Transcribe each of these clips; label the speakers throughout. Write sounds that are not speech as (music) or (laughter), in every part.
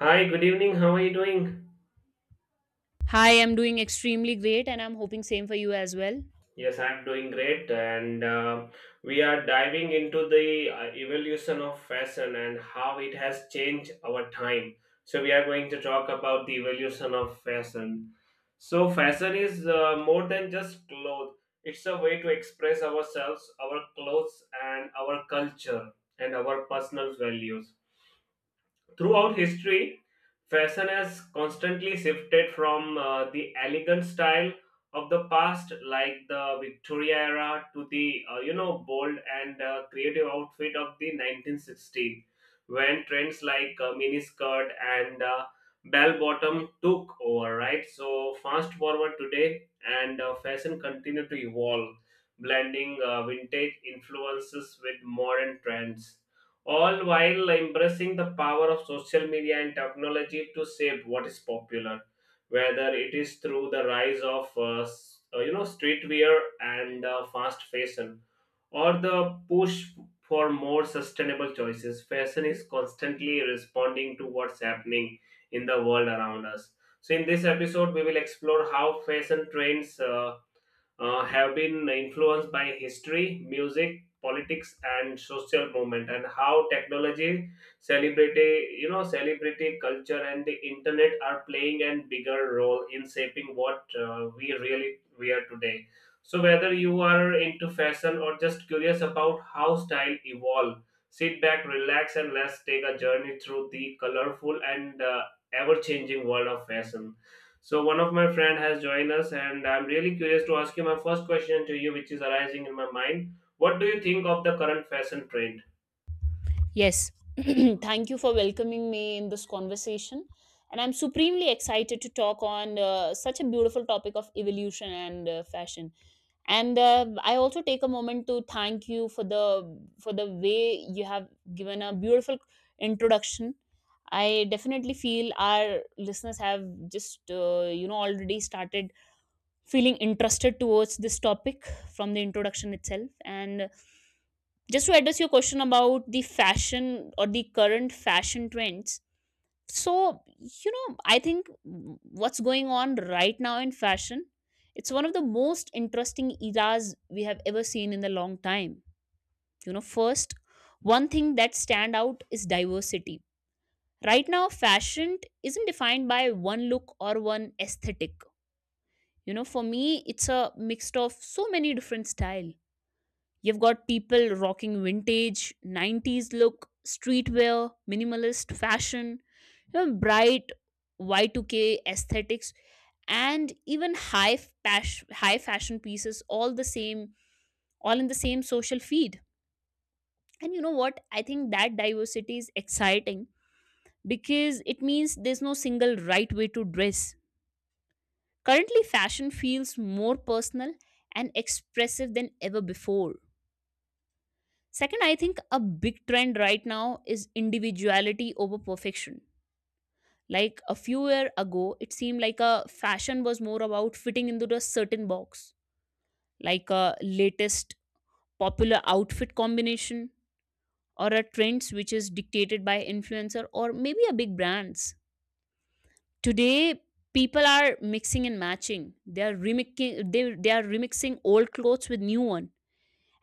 Speaker 1: Hi, good evening. How are you doing?
Speaker 2: Hi, I'm doing extremely great and I'm hoping same for you as well.
Speaker 1: Yes, I'm doing great. And we are diving into the evolution of fashion and how it has changed our time. So, we are going to talk about the evolution of fashion. So, fashion is more than just clothes. It's a way to express ourselves, our clothes, and our culture and our personal values. Throughout history, fashion has constantly shifted from the elegant style of the past, like the Victoria era, to the bold and creative outfit of the 1916, when trends like mini skirt and bell bottom took over. Right. So fast forward today, and fashion continue to evolve, blending vintage influences with modern trends, all while embracing the power of social media and technology to shape what is popular, whether it is through the rise of streetwear and fast fashion, or the push for more sustainable choices. Fashion is constantly responding to what's happening in the world around us. So in this episode, we will explore how fashion trends have been influenced by history, music, politics, and social movement, and how technology, celebrity, celebrity culture, and the internet are playing a bigger role in shaping what we really we are today. So whether you are into fashion or just curious about how style evolve, sit back, relax, and let's take a journey through the colorful and ever-changing world of fashion. So one of my friend has joined us, and I'm really curious to ask you my first question to you, which is arising in my mind. What do you think of the current fashion trend?
Speaker 2: Yes. (clears throat) Thank you for welcoming me in this conversation. And I'm supremely excited to talk on such a beautiful topic of evolution and fashion. And I also take a moment to thank you for the way you have given a beautiful introduction. I definitely feel our listeners have just already started feeling interested towards this topic from the introduction itself, and just to address your question about the fashion or the current fashion trends, so I think what's going on right now in fashion, it's one of the most interesting eras we have ever seen in a long time. You know, first, one thing that stand out is diversity. Right now fashion isn't defined by one look or one aesthetic. You know, for me it's a mix of so many different style You've got people rocking vintage, 90s look, streetwear, minimalist fashion, you know, bright Y2K aesthetics, and even high fashion pieces, all in the same social feed. And you know what? I think that diversity is exciting because it means there's no single right way to dress. Currently, fashion feels more personal and expressive than ever before. Second, I think a big trend right now is individuality over perfection. Like a few years ago, it seemed like a fashion was more about fitting into a certain box, like a latest popular outfit combination or a trends which is dictated by influencer or maybe a big brands. Today, people are mixing and matching. They are remixing old clothes with new one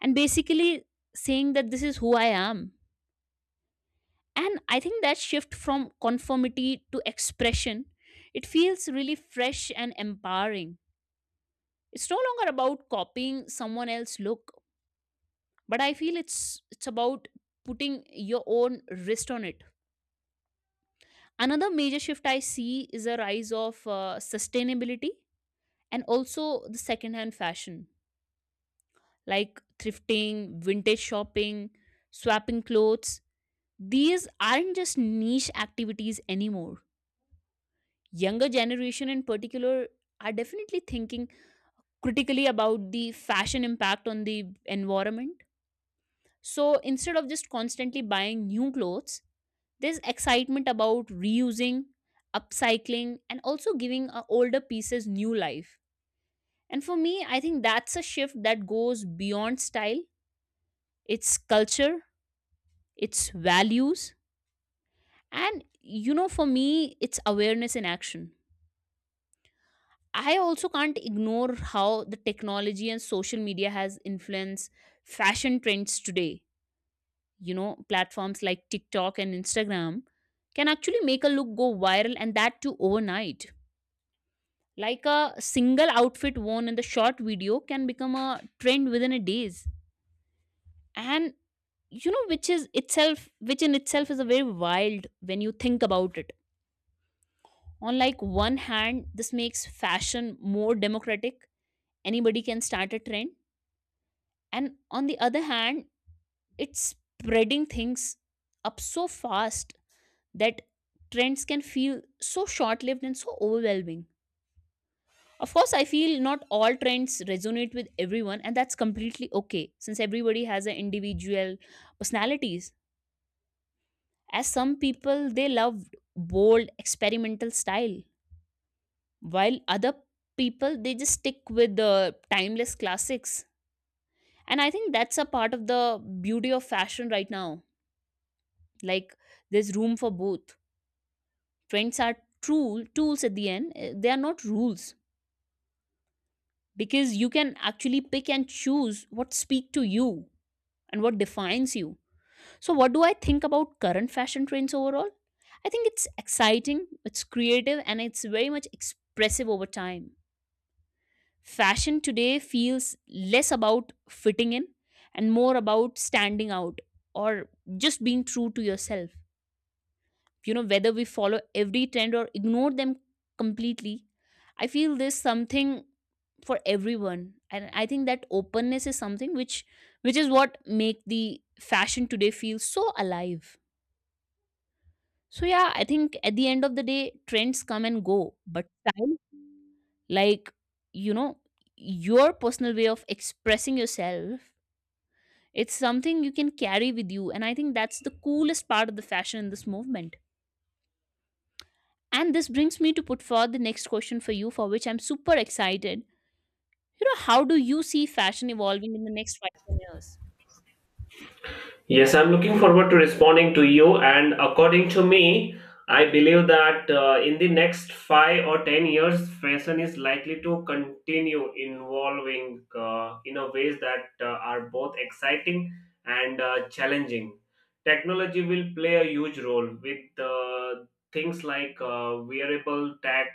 Speaker 2: and basically saying that this is who I am. And I think that shift from conformity to expression, it feels really fresh and empowering. It's no longer about copying someone else's look, but I feel it's about putting your own wrist on it. Another major shift I see is a rise of sustainability and also the secondhand fashion, like thrifting, vintage shopping, swapping clothes. These aren't just niche activities anymore. Younger generation in particular are definitely thinking critically about the fashion impact on the environment. So instead of just constantly buying new clothes, there's excitement about reusing, upcycling, and also giving older pieces new life. And for me, I think that's a shift that goes beyond style. It's culture, it's values, and you know, for me it's awareness in action. I also can't ignore how the technology and social media has influenced fashion trends today. You know, platforms like TikTok and Instagram can actually make a look go viral, and that too overnight. Like a single outfit worn in the short video can become a trend within a days. And which is itself, which in itself is a very wild when you think about it. On like one hand, this makes fashion more democratic. Anybody can start a trend, and on the other hand, it's spreading things up so fast that trends can feel so short-lived and so overwhelming. Of course, I feel not all trends resonate with everyone, and that's completely okay since everybody has an individual personalities. As some people, they love bold experimental style, while other people, they just stick with the timeless classics. And I think that's a part of the beauty of fashion right now. Like, there's room for both. Trends are tools at the end, they are not rules, because you can actually pick and choose what speak to you and what defines you. So what do I think about current fashion trends overall? I think it's exciting, it's creative, and it's very much expressive. Over time, fashion today feels less about fitting in and more about standing out, or just being true to yourself. You know, whether we follow every trend or ignore them completely, I feel there's something for everyone. And I think that openness is something which is what make the fashion today feel so alive. So yeah, I think at the end of the day, trends come and go, but style, like, you know, your personal way of expressing yourself, it's something you can carry with you. And I think that's the coolest part of the fashion in this movement. And this brings me to put forward the next question for you, for which I'm super excited. You know, how do you see fashion evolving in the next five, 10 years?
Speaker 1: Yes, I'm looking forward to responding to you. And according to me, I believe that in the next 5 or 10 years, fashion is likely to continue evolving in a ways that are both exciting and challenging. Technology will play a huge role with things like wearable tech,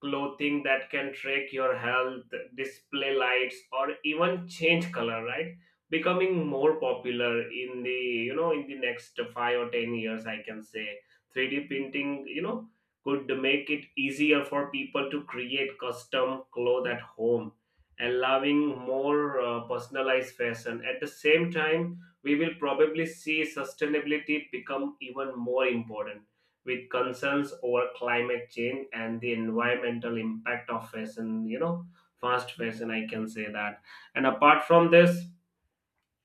Speaker 1: clothing that can track your health, display lights, or even change color, right? Becoming more popular in the next 5 or 10 years, I can say. 3D printing, could make it easier for people to create custom clothes at home, allowing more personalized fashion. At the same time, we will probably see sustainability become even more important with concerns over climate change and the environmental impact of fashion, fast fashion, I can say that. And apart from this,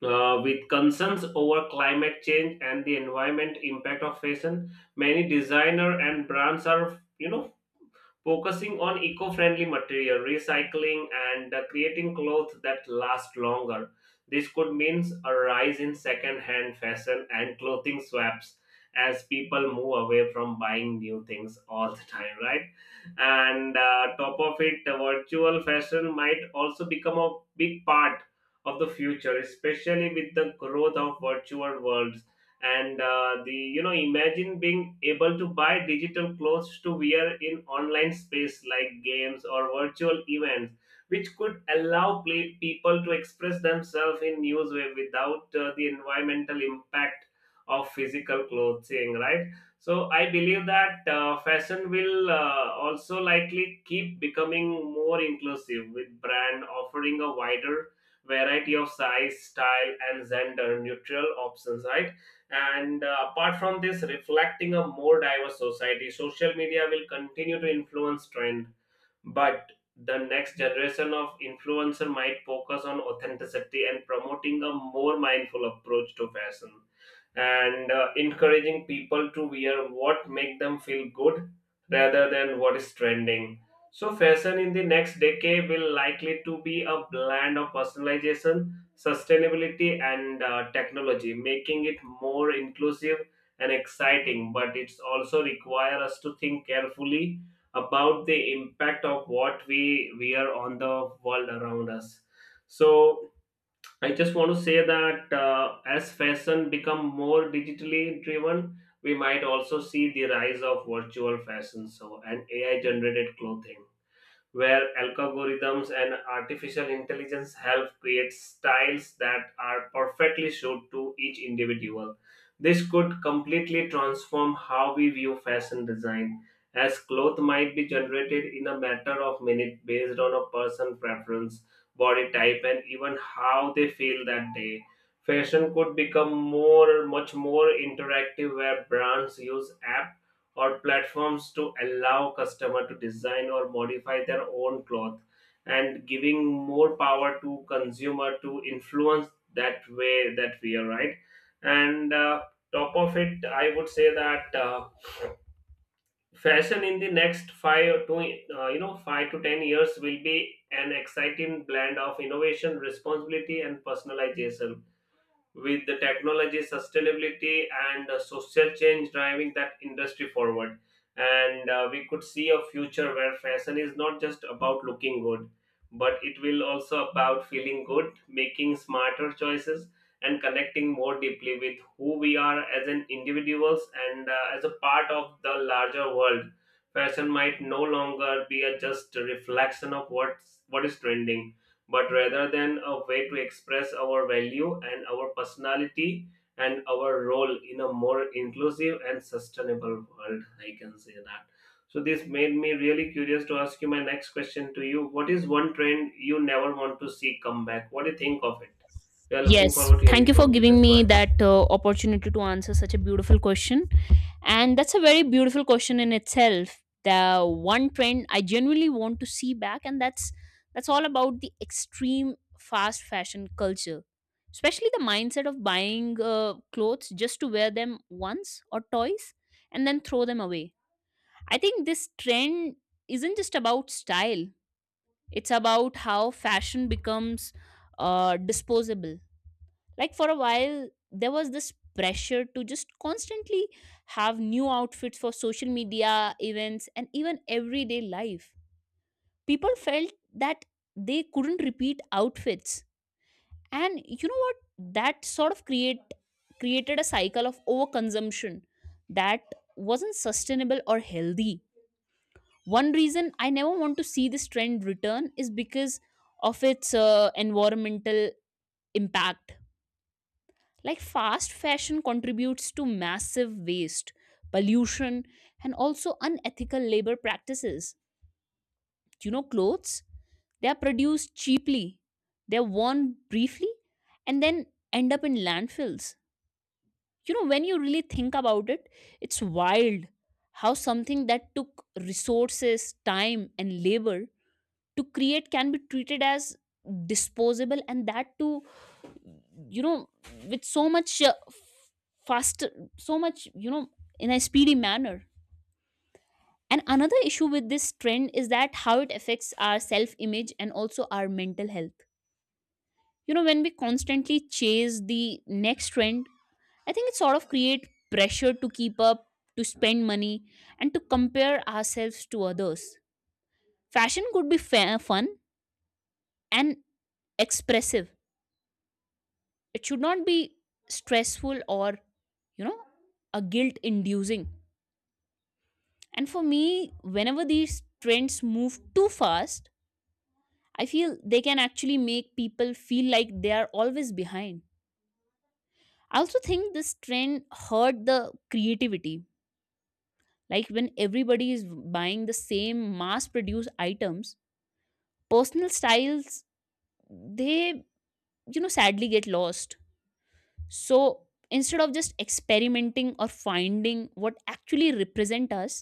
Speaker 1: with concerns over climate change and the environment impact of fashion, many designer and brands are, focusing on eco-friendly material recycling and creating clothes that last longer. This could mean a rise in second-hand fashion and clothing swaps, as people move away from buying new things all the time, right? And top of it, virtual fashion might also become a big part of the future, especially with the growth of virtual worlds. And the you know imagine being able to buy digital clothes to wear in online space like games or virtual events, which could allow people to express themselves in new way without the environmental impact of physical clothing, right? So I believe that fashion will also likely keep becoming more inclusive, with brand offering a wider variety of size, style, and gender neutral options, right? And apart from this, reflecting a more diverse society, social media will continue to influence trend, but the next generation of influencer might focus on authenticity and promoting a more mindful approach to fashion and encouraging people to wear what make them feel good rather than what is trending. So fashion in the next decade will likely to be a blend of personalization, sustainability, and technology, making it more inclusive and exciting, but it's also require us to think carefully about the impact of what we wear on the world around us. So I just want to say that as fashion become more digitally driven, we might also see the rise of virtual fashion show and AI generated clothing, where algorithms and artificial intelligence help create styles that are perfectly suited to each individual. This could completely transform how we view fashion design, as clothes might be generated in a matter of minutes based on a person's preference, body type, and even how they feel that day. Fashion could become much more interactive, where brands use apps or platforms to allow customer to design or modify their own cloth and giving more power to consumer to influence that way that we are, right? And top of it, I would say that fashion in the next five to ten years will be an exciting blend of innovation, responsibility, and personalization, with the technology, sustainability, and social change driving that industry forward. And we could see a future where fashion is not just about looking good, but it will also about feeling good, making smarter choices, and connecting more deeply with who we are as an individuals and as a part of the larger world. Fashion might no longer be a just reflection of what is trending, but rather than a way to express our value and our personality and our role in a more inclusive and sustainable world. I can say that. So, this made me really curious to ask you my next question to you. What is one trend you never want to see come back? What do you think of it? We are looking
Speaker 2: Yes,
Speaker 1: forward to
Speaker 2: thank
Speaker 1: hearing
Speaker 2: you for
Speaker 1: from you.
Speaker 2: giving
Speaker 1: Just go
Speaker 2: me
Speaker 1: ahead.
Speaker 2: that opportunity to answer such a beautiful question. And that's a very beautiful question in itself. The one trend I genuinely want to see back, and that's all about the extreme fast fashion culture, especially the mindset of buying clothes just to wear them once or twice and then throw them away. I think this trend isn't just about style, it's about how fashion becomes disposable. Like for a while, there was this pressure to just constantly have new outfits for social media, events, and even everyday life. People felt that they couldn't repeat outfits. And you know what? That created a cycle of overconsumption that wasn't sustainable or healthy. One reason I never want to see this trend return is because of its environmental impact. Like fast fashion contributes to massive waste, pollution, and also unethical labor practices. You know, clothes, they are produced cheaply, they are worn briefly, and then end up in landfills. You know, when you really think about it, it's wild how something that took resources, time, and labor to create can be treated as disposable, and that too, you know, with so much faster, so much, you know, in a speedy manner. And another issue with this trend is that how it affects our self image and also our mental health. You know, when we constantly chase the next trend, I think it sort of create pressure to keep up, to spend money, and to compare ourselves to others. Fashion could be fun and expressive, it should not be stressful or, you know, a guilt inducing. And for me, whenever these trends move too fast, I feel they can actually make people feel like they are always behind. I also think this trend hurt the creativity. Like when everybody is buying the same mass produced items, personal styles, they, you know, sadly get lost. So instead of just experimenting or finding what actually represent us,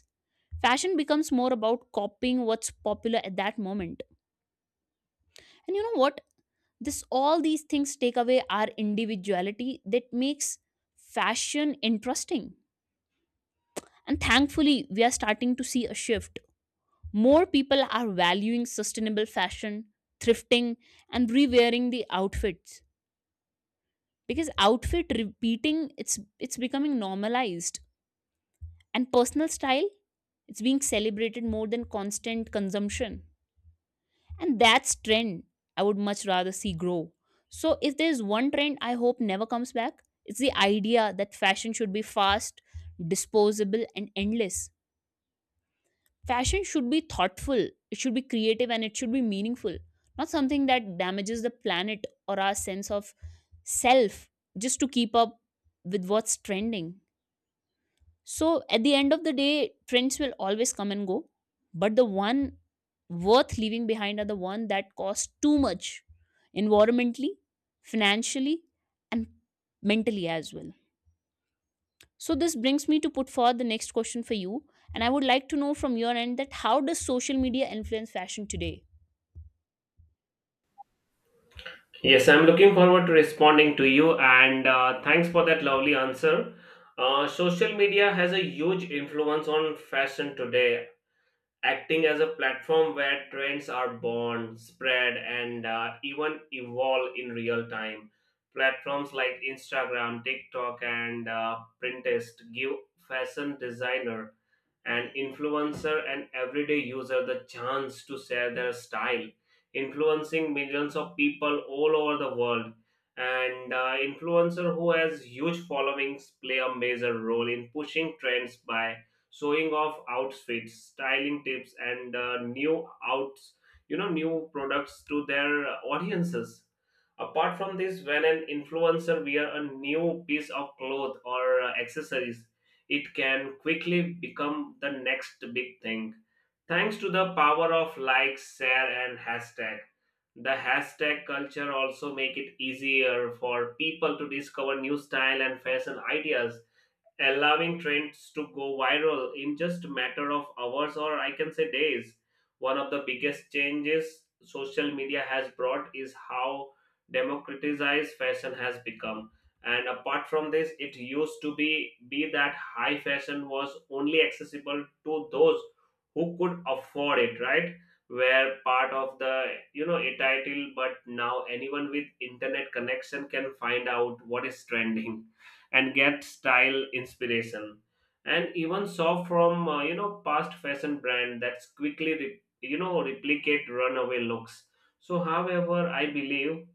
Speaker 2: fashion becomes more about copying what's popular at that moment. And you know what? This, all these things take away our individuality that makes fashion interesting. And thankfully, we are starting to see a shift. More people are valuing sustainable fashion, thrifting, and rewearing the outfits, because outfit repeating, it's becoming normalized. And personal style, it's being celebrated more than constant consumption. And that's trend I would much rather see grow. So if there's one trend I hope never comes back, it's the idea that fashion should be fast, disposable, and endless. Fashion should be thoughtful, it should be creative, and it should be meaningful, not something that damages the planet or our sense of self just to keep up with what's trending. So at the end of the day, trends will always come and go, but the one worth leaving behind are the one that cost too much environmentally, financially, and mentally as well. So this brings me to put forward the next question for you, and I would like to know from your end that how does social media influence fashion today?
Speaker 1: Yes, I'm looking forward to responding to you, and thanks for that lovely answer. Social media has a huge influence on fashion today, acting as a platform where trends are born, spread, and even evolve in real time. Platforms like Instagram, TikTok, and Pinterest give fashion designer and influencer and everyday user the chance to share their style, influencing millions of people all over the world. And influencer who has huge followings play a major role in pushing trends by showing off outfits, styling tips, and new outs you know new products to their audiences. Apart from this, when an influencer wear a new piece of cloth or accessories, it can quickly become the next big thing, thanks to the power of likes, share, and hashtag. The hashtag culture also make it easier for people to discover new style and fashion ideas, allowing trends to go viral in just a matter of hours, or I can say days. One of the biggest changes social media has brought is how democratized fashion has become. And apart from this, it used to be that high fashion was only accessible to those who could afford it, right? Were part of the, entitled, but now anyone with internet connection can find out what is trending and get style inspiration, and even saw from past fashion brand that's quickly replicate runaway looks. So however, I believe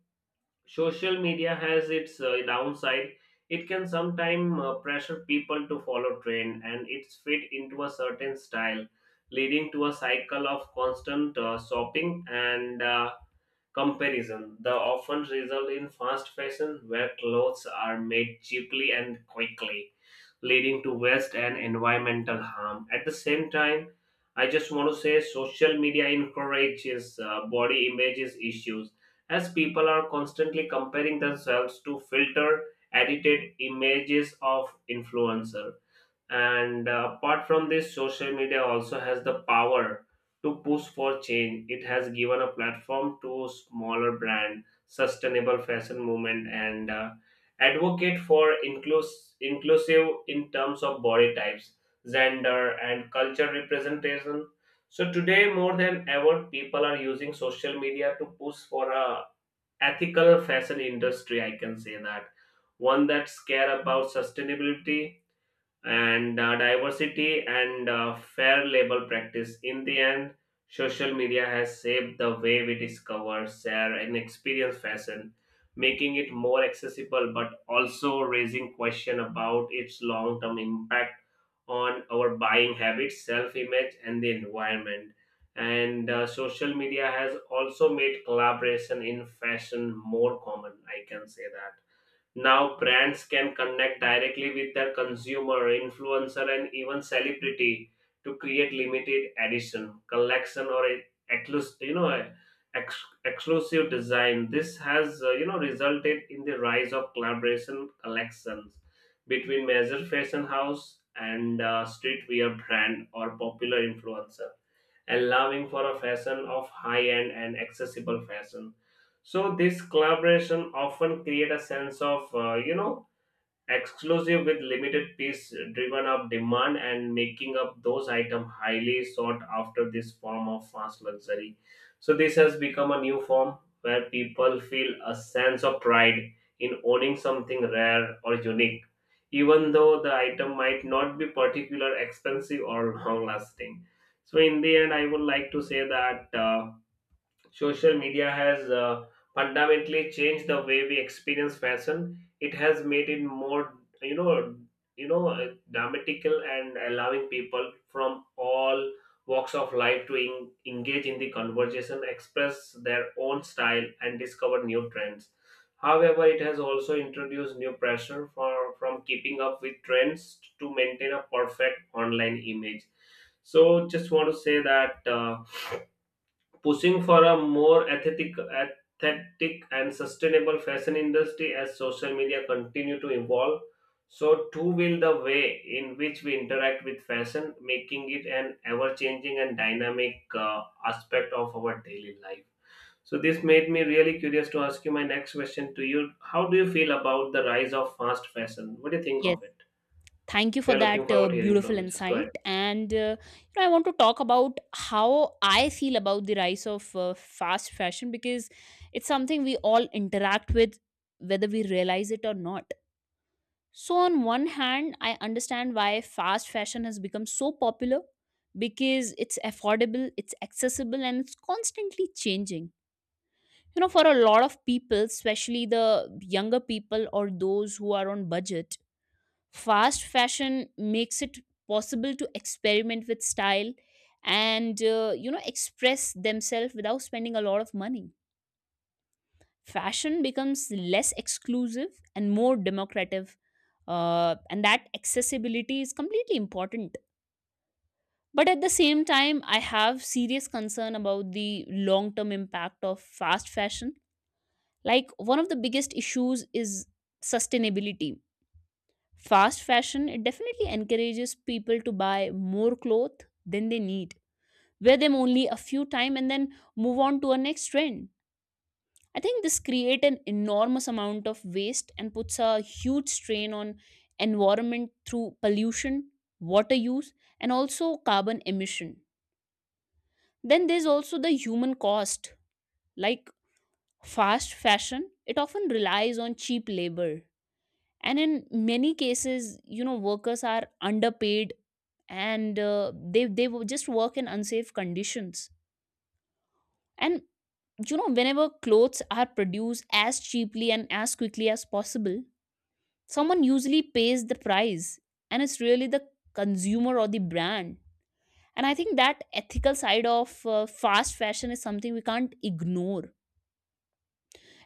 Speaker 1: social media has its downside. It can sometimes pressure people to follow trend and it's fit into a certain style, leading to a cycle of constant shopping and comparison. The often result in fast fashion, where clothes are made cheaply and quickly, leading to waste and environmental harm. At the same time, I just want to say social media encourages body images issues, as people are constantly comparing themselves to filter edited images of influencers. And apart from this, social media also has the power to push for change. It has given a platform to smaller brand, sustainable fashion movement, and advocate for inclusive in terms of body types, gender, and culture representation. So today more than ever, people are using social media to push for a ethical fashion industry, I can say that. One that's care about sustainability and diversity and fair labor practice. In the end, social media has shaped the way we discover, share, and experience fashion, making it more accessible but also raising question about its long-term impact on our buying habits, self-image, and the environment. And social media has also made collaboration in fashion more common, I can say that. Now brands can connect directly with their consumer, influencer, and even celebrity to create limited edition, collection, or a exclus- you know a exclusive design. This has resulted in the rise of collaboration collections between major fashion house and streetwear brand or popular influencer, allowing for a fashion of high end and accessible fashion. So this collaboration often create a sense of exclusive with limited piece driven up demand and making up those items highly sought after this form of fast luxury. So this has become a new form where people feel a sense of pride in owning something rare or unique, even though the item might not be particular expensive or (laughs) long lasting. So in the end, I would like to say that social media has fundamentally changed the way we experience fashion. It has made it more, you know, dramatical, and allowing people from all walks of life to engage in the conversation, express their own style, and discover new trends. However, it has also introduced new pressure for from keeping up with trends to maintain a perfect online image. So, just want to say that. Pushing for a more aesthetic and sustainable fashion industry as social media continue to evolve. So too will the way in which we interact with fashion, making it an ever-changing and dynamic aspect of our daily life. So this made me really curious to ask you my next question to you. How do you feel about the rise of fast fashion? What do you think
Speaker 2: Yes.
Speaker 1: of it?
Speaker 2: Thank you
Speaker 1: We
Speaker 2: for
Speaker 1: are looking
Speaker 2: that
Speaker 1: forward to hearing from
Speaker 2: beautiful
Speaker 1: you. Just go ahead.
Speaker 2: insight. And you know, I want to talk about how I feel about the rise of fast fashion because it's something we all interact with, whether we realize it or not. So, on one hand, I understand why fast fashion has become so popular because it's affordable, it's accessible, and it's constantly changing. You know, for a lot of people, especially the younger people or those who are on budget, fast fashion makes it possible to experiment with style and, you know, express themselves without spending a lot of money. Fashion becomes less exclusive and more democratic, and that accessibility is completely important. But at the same time, I have serious concern about the long term impact of fast fashion. Like, one of the biggest issues is sustainability. Fast fashion, it definitely encourages people to buy more clothes than they need, wear them only a few time, and then move on to a next trend. I think this create an enormous amount of waste and puts a huge strain on environment through pollution, water use, and also carbon emission. Then there's also the human cost. Like fast fashion, it often relies on cheap labor, and in many cases workers are underpaid, and just work in unsafe conditions. And whenever clothes are produced as cheaply and as quickly as possible, someone usually pays the price, and it's really the consumer or the brand. And I think that ethical side of fast fashion is something we can't ignore.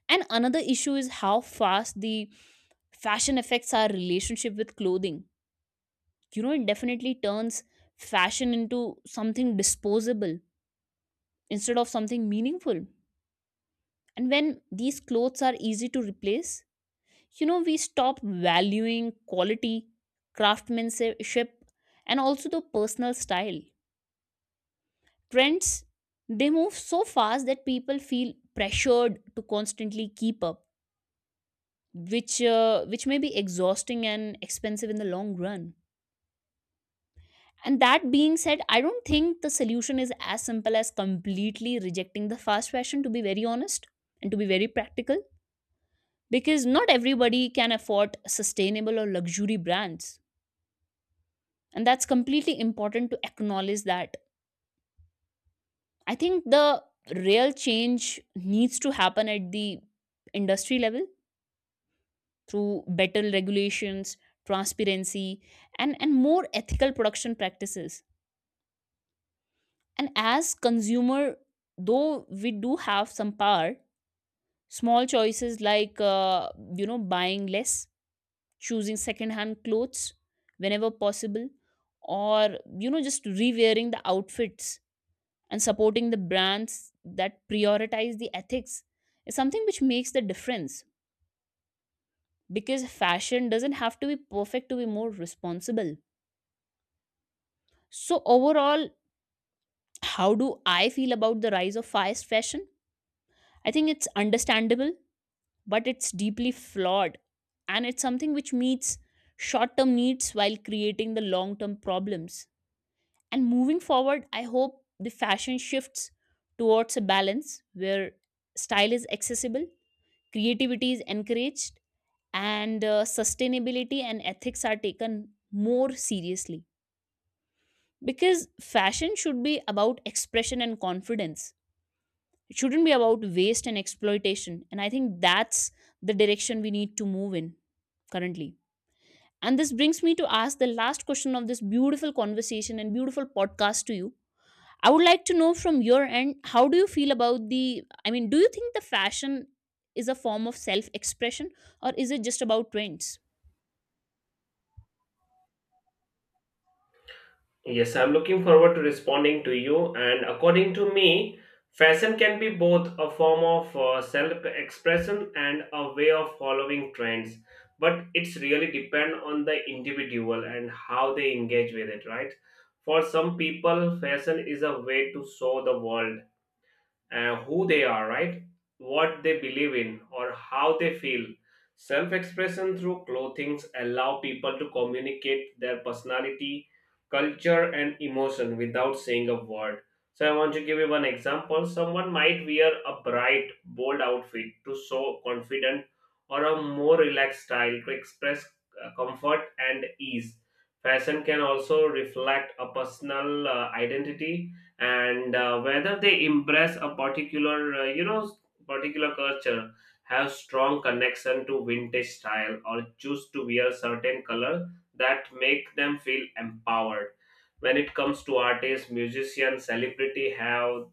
Speaker 2: And another issue is how fast the fashion affects our relationship with clothing. You know, it definitely turns fashion into something disposable instead of something meaningful. And when these clothes are easy to replace, we stop valuing quality, craftsmanship, and also the personal style. Trends, they move so fast that people feel pressured to constantly keep up, which may be exhausting and expensive in the long run. And that being said, I don't think the solution is as simple as completely rejecting the fast fashion, to be very honest and to be very practical, because not everybody can afford sustainable or luxury brands. And that's completely important to acknowledge that. I think the real change needs to happen at the industry level through better regulations, transparency, and more ethical production practices. And as consumer, though we do have some power, small choices like, buying less, choosing secondhand clothes whenever possible, or, just rewearing the outfits and supporting the brands that prioritize the ethics is something which makes the difference, because fashion doesn't have to be perfect to be more responsible. So, overall, how do I feel about the rise of fast fashion? I think it's understandable but it's deeply flawed, and it's something which meets short term needs while creating the long term problems. And moving forward, I hope the fashion shifts towards a balance where style is accessible, creativity is encouraged, and sustainability and ethics are taken more seriously. Because fashion should be about expression and confidence, it shouldn't be about waste and exploitation. And I think that's the direction we need to move in currently. And this brings me to ask the last question of this beautiful conversation and beautiful podcast to you. I would like to know from your end, how do you feel about the, I mean, do you think the fashion is a form of self expression or is it just about trends?
Speaker 1: Yes, I'm looking forward to responding to you. And according to me, fashion can be both a form of self expression and a way of following trends. But it's really depend on the individual and how they engage with it, right? For some people, fashion is a way to show the world who they are, right? What they believe in or how they feel. Self expression through clothing allow people to communicate their personality, culture, and emotion without saying a word. So, I want to give you one example. Someone might wear a bright, bold outfit to show confident or a more relaxed style to express comfort and ease. Fashion can also reflect a personal identity, and whether they embrace a particular particular culture, have strong connection to vintage style, or choose to wear certain color that make them feel empowered. When it comes to artists, musicians, celebrity have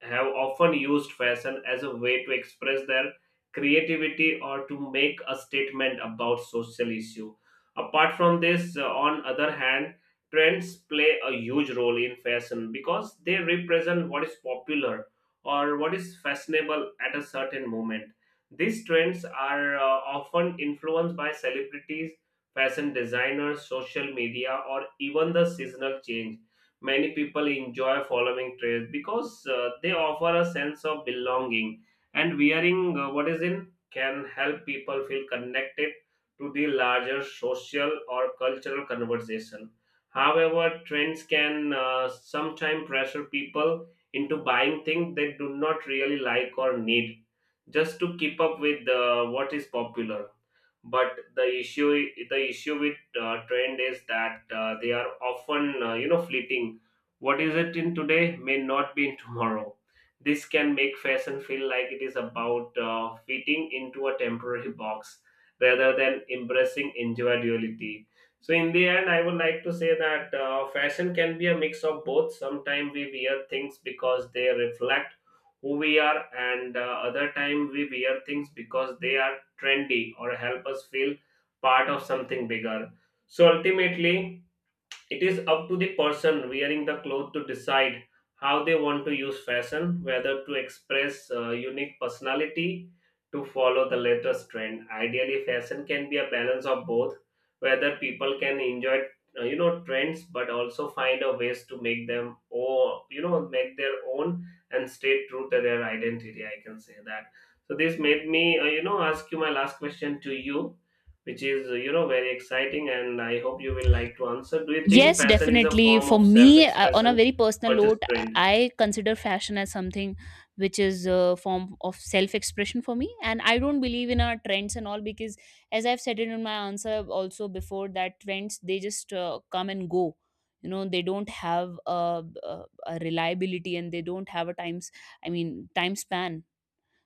Speaker 1: often used fashion as a way to express their creativity or to make a statement about social issue. Apart from this, on other hand, trends play a huge role in fashion because they represent what is popular or what is fashionable at a certain moment. These trends are often influenced by celebrities, fashion designers, social media, or even the seasonal change. Many people enjoy following trends because they offer a sense of belonging, and wearing what is in can help people feel connected to the larger social or cultural conversation. However, trends can sometimes pressure people into buying things they do not really like or need just to keep up with what is popular. But the issue with trend is that they are often fleeting what is it in today may not be in (laughs) tomorrow. This can make fashion feel like it is about fitting into a temporary (laughs) box rather than embracing individuality. So in the end, I would like to say that fashion can be a mix of both. Sometimes we wear things because they reflect who we are, and other time we wear things because they are trendy or help us feel part of something bigger. So ultimately, it is up to the person wearing the cloth to decide how they want to use fashion, whether to express unique personality, to follow the latest trend. Ideally, fashion can be a balance of both, whether people can enjoy trends but also find a ways to make them or make their own and stay true to their identity. I can say that. So this made me ask you my last question to you, which is you know very exciting, and I hope you will like to answer. Do you think
Speaker 2: Yes,
Speaker 1: fashion is a
Speaker 2: definitely.
Speaker 1: form
Speaker 2: For
Speaker 1: of self
Speaker 2: me, on a
Speaker 1: expression
Speaker 2: very personal
Speaker 1: or just
Speaker 2: note,
Speaker 1: trend?
Speaker 2: I consider fashion as something which is a form of self expression for me. And I don't believe in our trends and all because, as I've said it in my answer also before, that trends they just come and go. You know, they don't have a reliability, and they don't have a times, I mean, time span.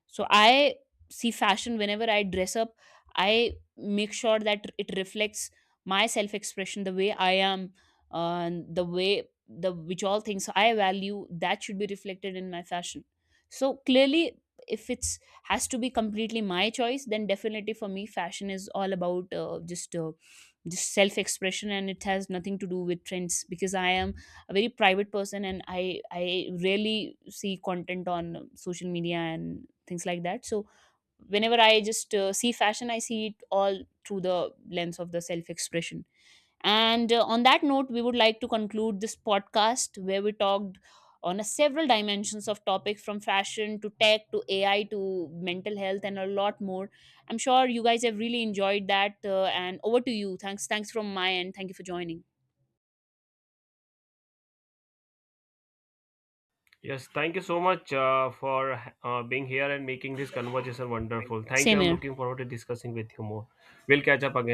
Speaker 2: So I see fashion whenever I dress up, I make sure that it reflects my self expression, the way I am, the way the which all things I value that should be reflected in my fashion. So clearly, if it's has to be completely my choice, then definitely for me, fashion is all about just self expression, and it has nothing to do with trends because I am a very private person, and I rarely see content on social media and things like that. So whenever I just see fashion, I see it all through the lens of the self expression. And on that note, we would like to conclude this podcast where we talked on a several dimensions of topics from fashion to tech to ai to mental health and a lot more. I'm sure you guys have really enjoyed that, and over to you. Thanks, from my end. Thank you for joining.
Speaker 1: Yes, thank you so much for being here and making this conversation wonderful. Thank
Speaker 2: Same
Speaker 1: you. I'm
Speaker 2: here.
Speaker 1: looking forward to discussing with you more. We'll catch up again